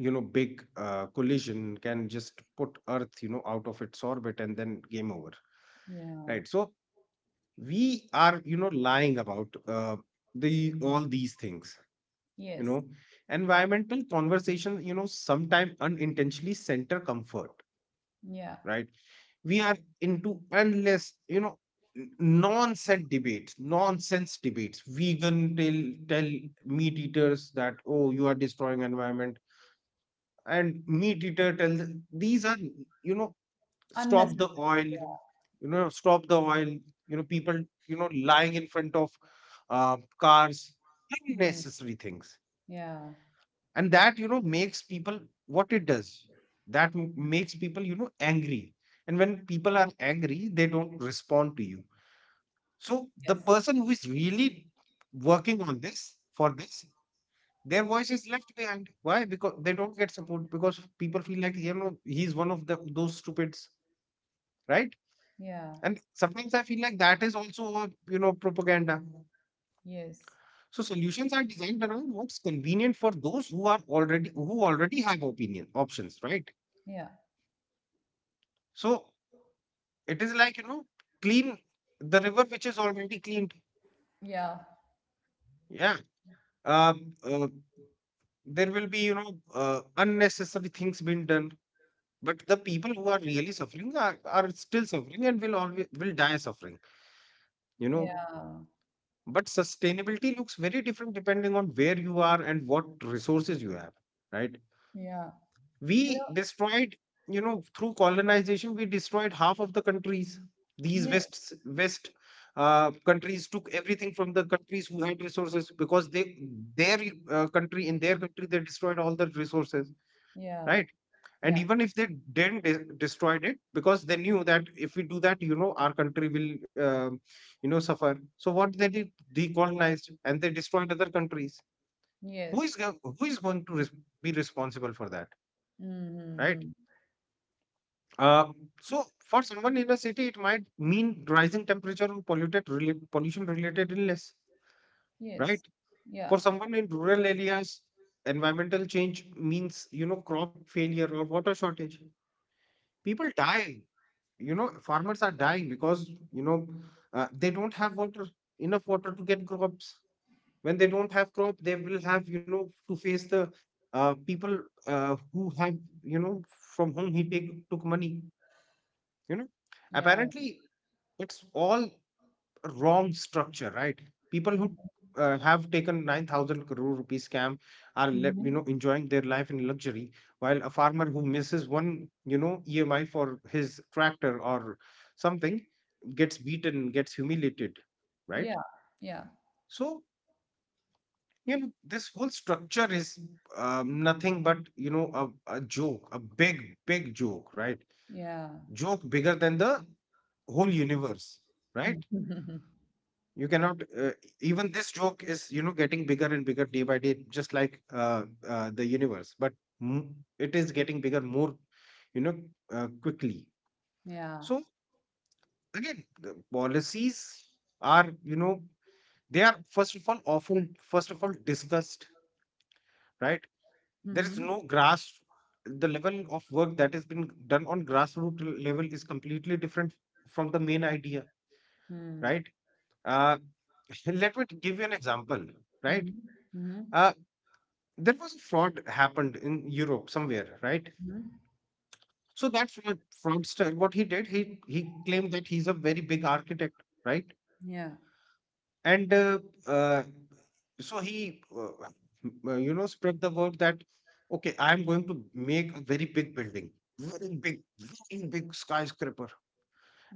B: you know, big collision can just put earth, you know, out of its orbit, and then game over,
A: yeah,
B: right? So we are, you know, lying about the all these things, you
A: yes,
B: know. Environmental conversation, you know, sometimes unintentionally center comfort,
A: yeah.
B: right? We are into endless, nonsense debates, nonsense debates. Vegan tell meat eaters that, oh, you are destroying environment, and meat eater tells these are, you know, stop the oil,
A: Unnecessary.
B: you know, stop the oil. You know, people, you know, lying in front of cars,
A: Mm,
B: unnecessary things,
A: yeah,
B: and that, you know, makes people, what it does, that makes people, you know, angry. And when people are angry they don't respond to you. So the
A: yes,
B: person who is really working on this for this, their voice is left behind. Why? Because they don't get support, because people feel like, you know, he's one of the those stupids, right?
A: yeah,
B: And sometimes I feel like that is also a, you know, propaganda.
A: yes,
B: So solutions are designed around what's convenient for those who are already, who already have opinion options, right?
A: yeah,
B: So it is like, you know, clean the river which is already cleaned.
A: yeah,
B: Yeah. Um, uh, there will be, unnecessary things being done. But the people who are really suffering are still suffering and will always will die suffering, you know.
A: yeah,
B: But sustainability looks very different depending on where you are and what resources you have, right?
A: yeah.
B: We destroyed, you know, through colonization we destroyed half of the countries. These
A: Yeah,
B: west countries took everything from the countries who had resources, because they, their country, in their country they destroyed all the resources,
A: yeah,
B: right? And
A: yeah,
B: even if they didn't destroyed it, because they knew that if we do that, you know, our country will, you know, suffer. So what they did, they colonized and they destroyed other countries. Who is
A: yes.
B: who is going to be responsible for that, right?
A: Mm-hmm.
B: Uh, so for someone in a city, it might mean rising temperature or pollution-related illness, right?
A: Yes. Yeah,
B: For someone in rural areas, environmental change means, you know, crop failure or water shortage. People die. You know, farmers are dying because, you know, they don't have water, enough water to get crops. When they don't have crop, they will have, you know, to face the people who have, you know, from whom he take took money, you know.
A: yeah.
B: Apparently, it's all wrong structure, right? People who have taken 9,000 crore rupee scam are
A: Mm-hmm.
B: you know, enjoying their life in luxury, while a farmer who misses one, you know, emi for his tractor or something, gets beaten, gets humiliated, right?
A: Yeah, yeah,
B: So, you know, this whole structure is, nothing but, you know, a joke, a big joke, right?
A: yeah.
B: Joke bigger than the whole universe, right? You cannot, even this joke is, you know, getting bigger and bigger day by day, just like, the universe, but it is getting bigger more, you know, quickly.
A: Yeah.
B: So again, the policies are, you know, they are first of all often first of all discussed, right? There is no
A: Mm-hmm.
B: grass, the level of work that has been done on grassroots level is completely different from the main idea,
A: Mm.
B: right? uh, let me give you an example, right?
A: Mhm. Mhm.
B: uh, There was a fraud happened in Europe somewhere, right?
A: Mhm.
B: So that fraud, fraudster, what he did, he claimed that he's a very big architect, right?
A: Yeah.
B: And uh, so he, spread the word that okay, I'm going to make a very big building, very big, very big skyscraper.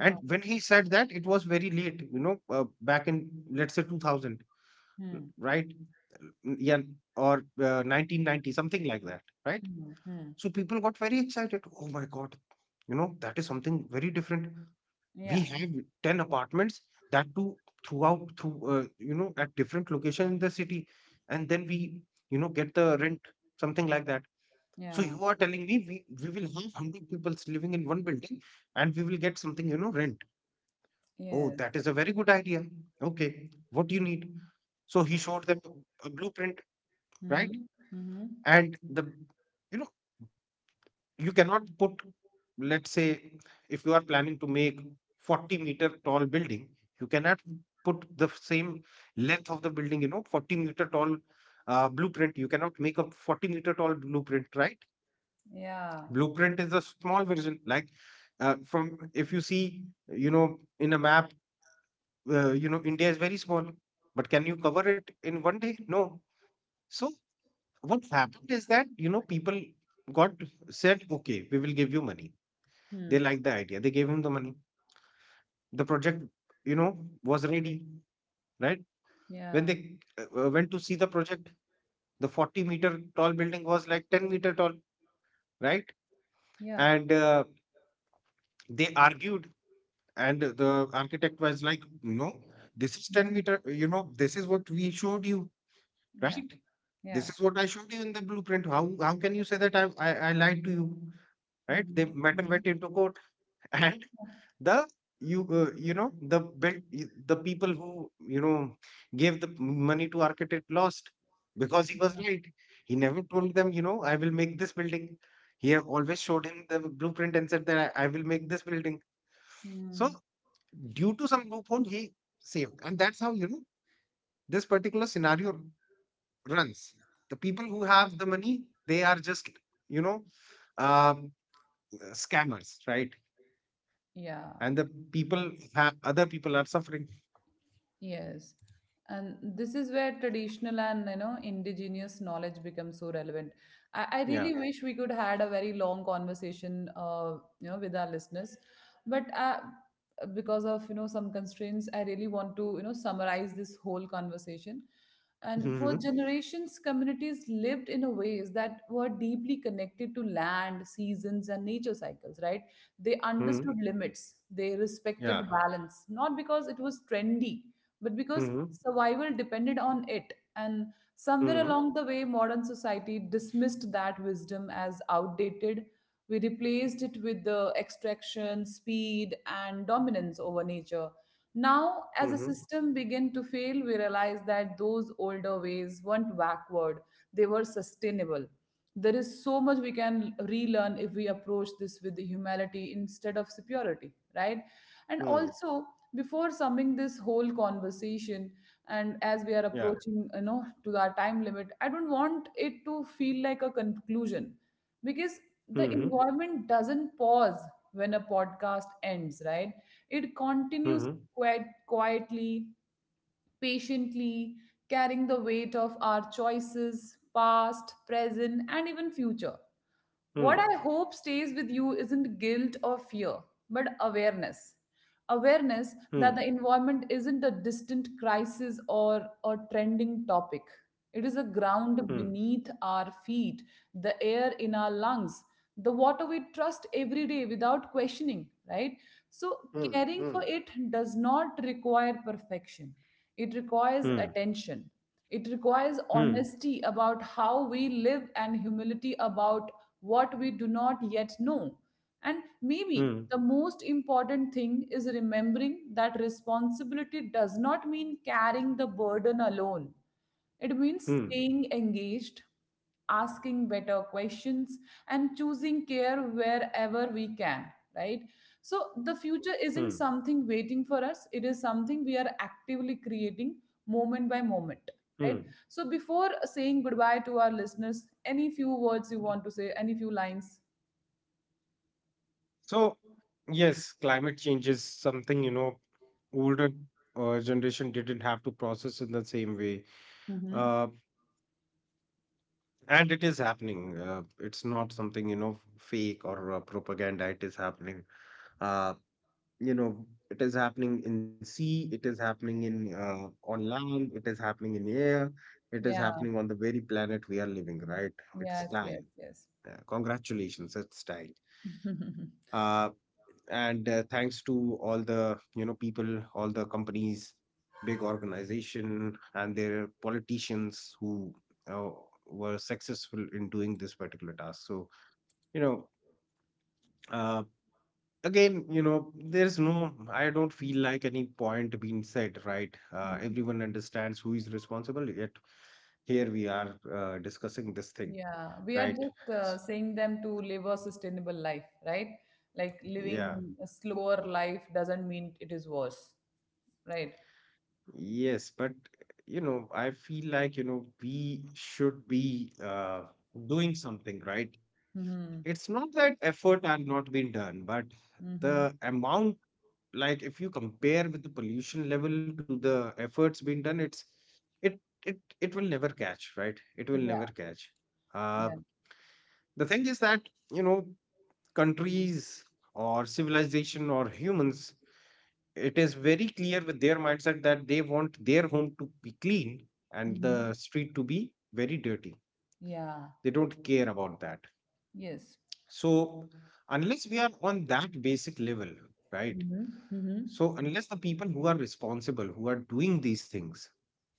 B: And when he said that, it was very late, back in let's say 2000,
A: Mm.
B: right? Yeah, or 1990, something like that, right?
A: Mhm. Mhm.
B: So people got very excited. Oh my God, you know, that is something very different. We
A: Yeah.
B: have 10 apartments, that too, throughout, through, you know, at different location in the city. And then we, you know, get the rent, something like that. So
A: Yeah.
B: you are telling me we will have 100 people living in one building, and we will get something, you know, rent. Oh,
A: Yes.
B: that is a very good idea. Okay. What do you need? So he showed them a blueprint, right?
A: Mhm. Mhm.
B: And you know, you cannot put, let's say, if you are planning to make 40-meter tall building, you cannot put the same length of the building, you know, 40-meter tall blueprint. You cannot make a 40-meter tall blueprint, right?
A: Yeah.
B: Blueprint is a small version, like, from if you see, you know, in a map, you know, India is very small, but can you cover it in one day? No. So what happened is that, you know, people got, said, okay, we will give you money. They
A: Hmm.
B: liked the idea. They gave him the money. The project, you know, was ready, right? When
A: Yeah.
B: they went to see the project, the 40-meter tall building was like 10-meter tall, right?
A: Yeah.
B: And they argued, and the architect was like, no, this is 10
A: Mhm.
B: meter, you know, this is what we showed you,
A: Yeah.
B: right? This
A: Yeah.
B: is what I showed you in the blueprint. How can you say that I lied to you, right? They
A: Mhm.
B: matter went
A: Mhm.
B: into court and the the built the people who, you know, gave the money to architect lost, because he was
A: Yeah.
B: right. He never told them, you know, I will make this building. He have always showed him the blueprint and said that I will make this building. So
A: Mm.
B: due to some loophole he saved, and that's how, you know, this particular scenario runs. The people who have the money, they are just, you know, um, scammers, right?
A: Yeah.
B: And the people have other people are suffering.
A: Yes. And this is where traditional and, you know, indigenous knowledge becomes so relevant. I
B: Yeah.
A: really wish we could had a very long conversation, you know, with our listeners. But because of, you know, some constraints, I really want to, you know, summarize this whole conversation. And for
B: Mhm.
A: generations, communities lived in a ways that were deeply connected to land, seasons, and nature cycles, right? They understood
B: Mhm.
A: limits, they
B: Yeah.
A: respected balance, not because it was trendy, but because
B: Mhm.
A: survival depended on it. And somewhere
B: Mhm.
A: along the way, modern society dismissed that wisdom as outdated. We replaced it with the extraction, speed, and dominance over nature. Now, as a
B: Mhm.
A: system began to fail, we realized that those older ways weren't backward, they were sustainable. There is so much we can relearn if we approach this with humility instead of superiority, right? And
B: Mhm.
A: also, before summing this whole conversation, and as we are
B: Yeah.
A: approaching, you know, to our time limit, I don't want it to feel like a conclusion, because
B: Mhm.
A: the environment doesn't pause when a podcast ends, right? It continues
B: Mhm.
A: quite quietly, patiently, carrying the weight of our choices, past, present, and even future. What I hope stays with you isn't guilt or fear, but awareness.
B: Mhm.
A: Awareness that the environment isn't a distant crisis or a trending topic. It is a
B: Mhm.
A: ground beneath our feet, the air in our lungs, the water we trust every day without questioning, right? So,
B: Mhm. Mhm. Mhm.
A: caring for it does not require perfection. It requires
B: Mhm.
A: attention. It requires
B: Mhm.
A: honesty about how we live and humility about what we do not yet know. And
B: Mhm.
A: maybe the most important thing is remembering that responsibility does not mean carrying the burden alone. It means
B: Mhm.
A: staying engaged, asking better questions, and choosing care wherever we can, right? So the
B: Mhm.
A: future isn't something waiting for us, it is something we are actively creating, moment by moment,
B: Mhm.
A: right? So before saying goodbye to our listeners, any few words you want to say, any few lines?
B: So, yes, climate change is something, you know, older generation didn't have to process in the same way.
A: Hmm.
B: Uh, and it is happening. It's not something, you know, fake or propaganda. It is happening. Uh, you know, it is happening in sea, it is happening in on land, it is happening in air, it is
A: Yeah.
B: happening on the very planet we are living, right? It's
A: Yes,
B: time.
A: yes, yes.
B: Congratulations, it's time. uh, and thanks to all the, you know, people, all the companies, big organization, and their politicians who uh, were successful in doing this particular task. So, you know, uh, again, you know, there's no, I don't feel like any point being said, right? Everyone understands who is responsible, yet here we are discussing this thing,
A: Yeah, we are
B: right?
A: just
B: S-
A: saying them to live a sustainable life, right? Like,
B: Yeah,
A: living a slower life doesn't mean it is worse, right?
B: yes, but, you know, I feel like, you know, we should be doing something, right?
A: Mm-hmm.
B: It's not that effort are not being done, but
A: Mm-hmm.
B: the amount, like, if you compare with the pollution level to the efforts being done, it it will never catch, right? It will
A: Yeah.
B: never catch.
A: Yeah.
B: uh the thing is that, you know, countries or civilization or humans, it is very clear with their mindset that they want their home to be clean and
A: Mm-hmm.
B: the street to be very dirty.
A: Yeah.
B: They don't care about that.
A: Yes.
B: So unless we are on that basic level, right?
A: Mm-hmm. Mm-hmm.
B: So unless the people who are responsible, who are doing these things,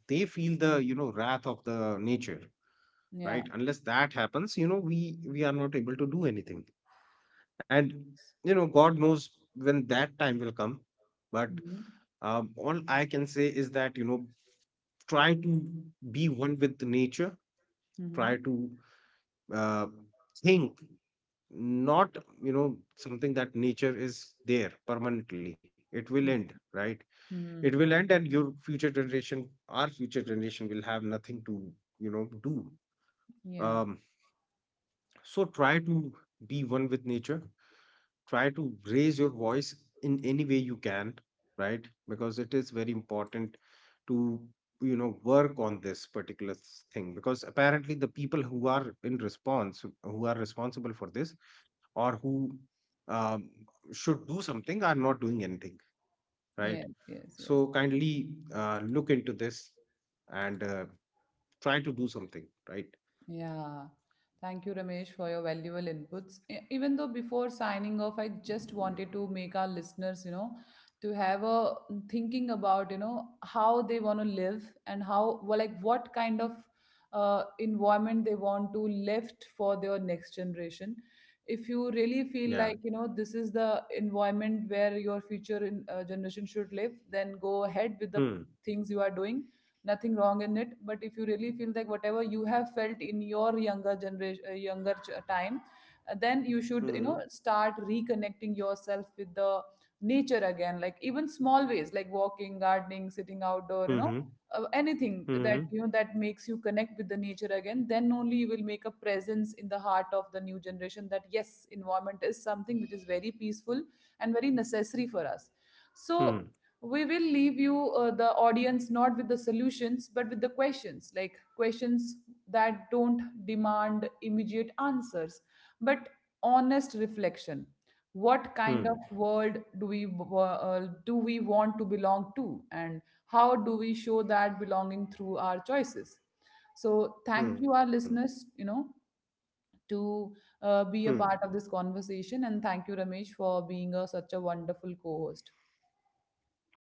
B: they feel the, you know, wrath of the nature,
A: Yeah.
B: right? Unless that happens, you know, we are not able to do anything. And, you know, God knows when that time will come. But
A: Mm-hmm.
B: all I can say is that, you know, try to be one with the nature.
A: Mm-hmm.
B: Try to uh, think not, you know, something that nature is there permanently. It will end, right? It
A: Mm-hmm.
B: will end, and your future generation, our future generation, will have nothing to, you know, do.
A: Yeah.
B: um so try to be one with nature, try to raise your voice in any way you can, right? Because it is very important to, you know, work on this particular thing, because apparently the people who are in response, who are responsible for this, or who um, should do something, are not doing anything, right?
A: Yes. Yes. Yes.
B: So kindly look into this and try to do something, right?
A: Yeah. Thank you, Ramesh, for your valuable inputs. Even though before signing off, I just wanted to make our listeners, you know, to have a thinking about, you know, how they want to live and how, well, like, what kind of environment they want to left for their next generation. If you really
B: Yeah.
A: feel like, you know, this is the environment where your future in, generation should live, then go ahead with the
B: Hmm.
A: things you are doing. Nothing wrong in it, but if you really feel like whatever you have felt in your younger generation, younger time, then you
B: Hmm.
A: should, you know, start reconnecting yourself with the nature again, like even small ways, like walking, gardening, sitting outdoor, you know,
B: Hmm.
A: anything
B: Hmm.
A: that, you know, that makes you connect with the nature again, then only you will make a presence in the heart of the new generation that, yes, environment is something which is very peaceful and very necessary for us. So
B: Hmm.
A: we will leave you, the audience, not with the solutions but with the questions, like questions that don't demand immediate answers but honest reflection. What kind
B: Hmm.
A: of world do we want to belong to, and how do we show that belonging through our choices? So
B: Hmm.
A: thank you, our listeners, you know, to
B: Hmm.
A: be a part of this conversation, and thank you, Ramesh, for being a, such a wonderful co-host.
B: Thank you.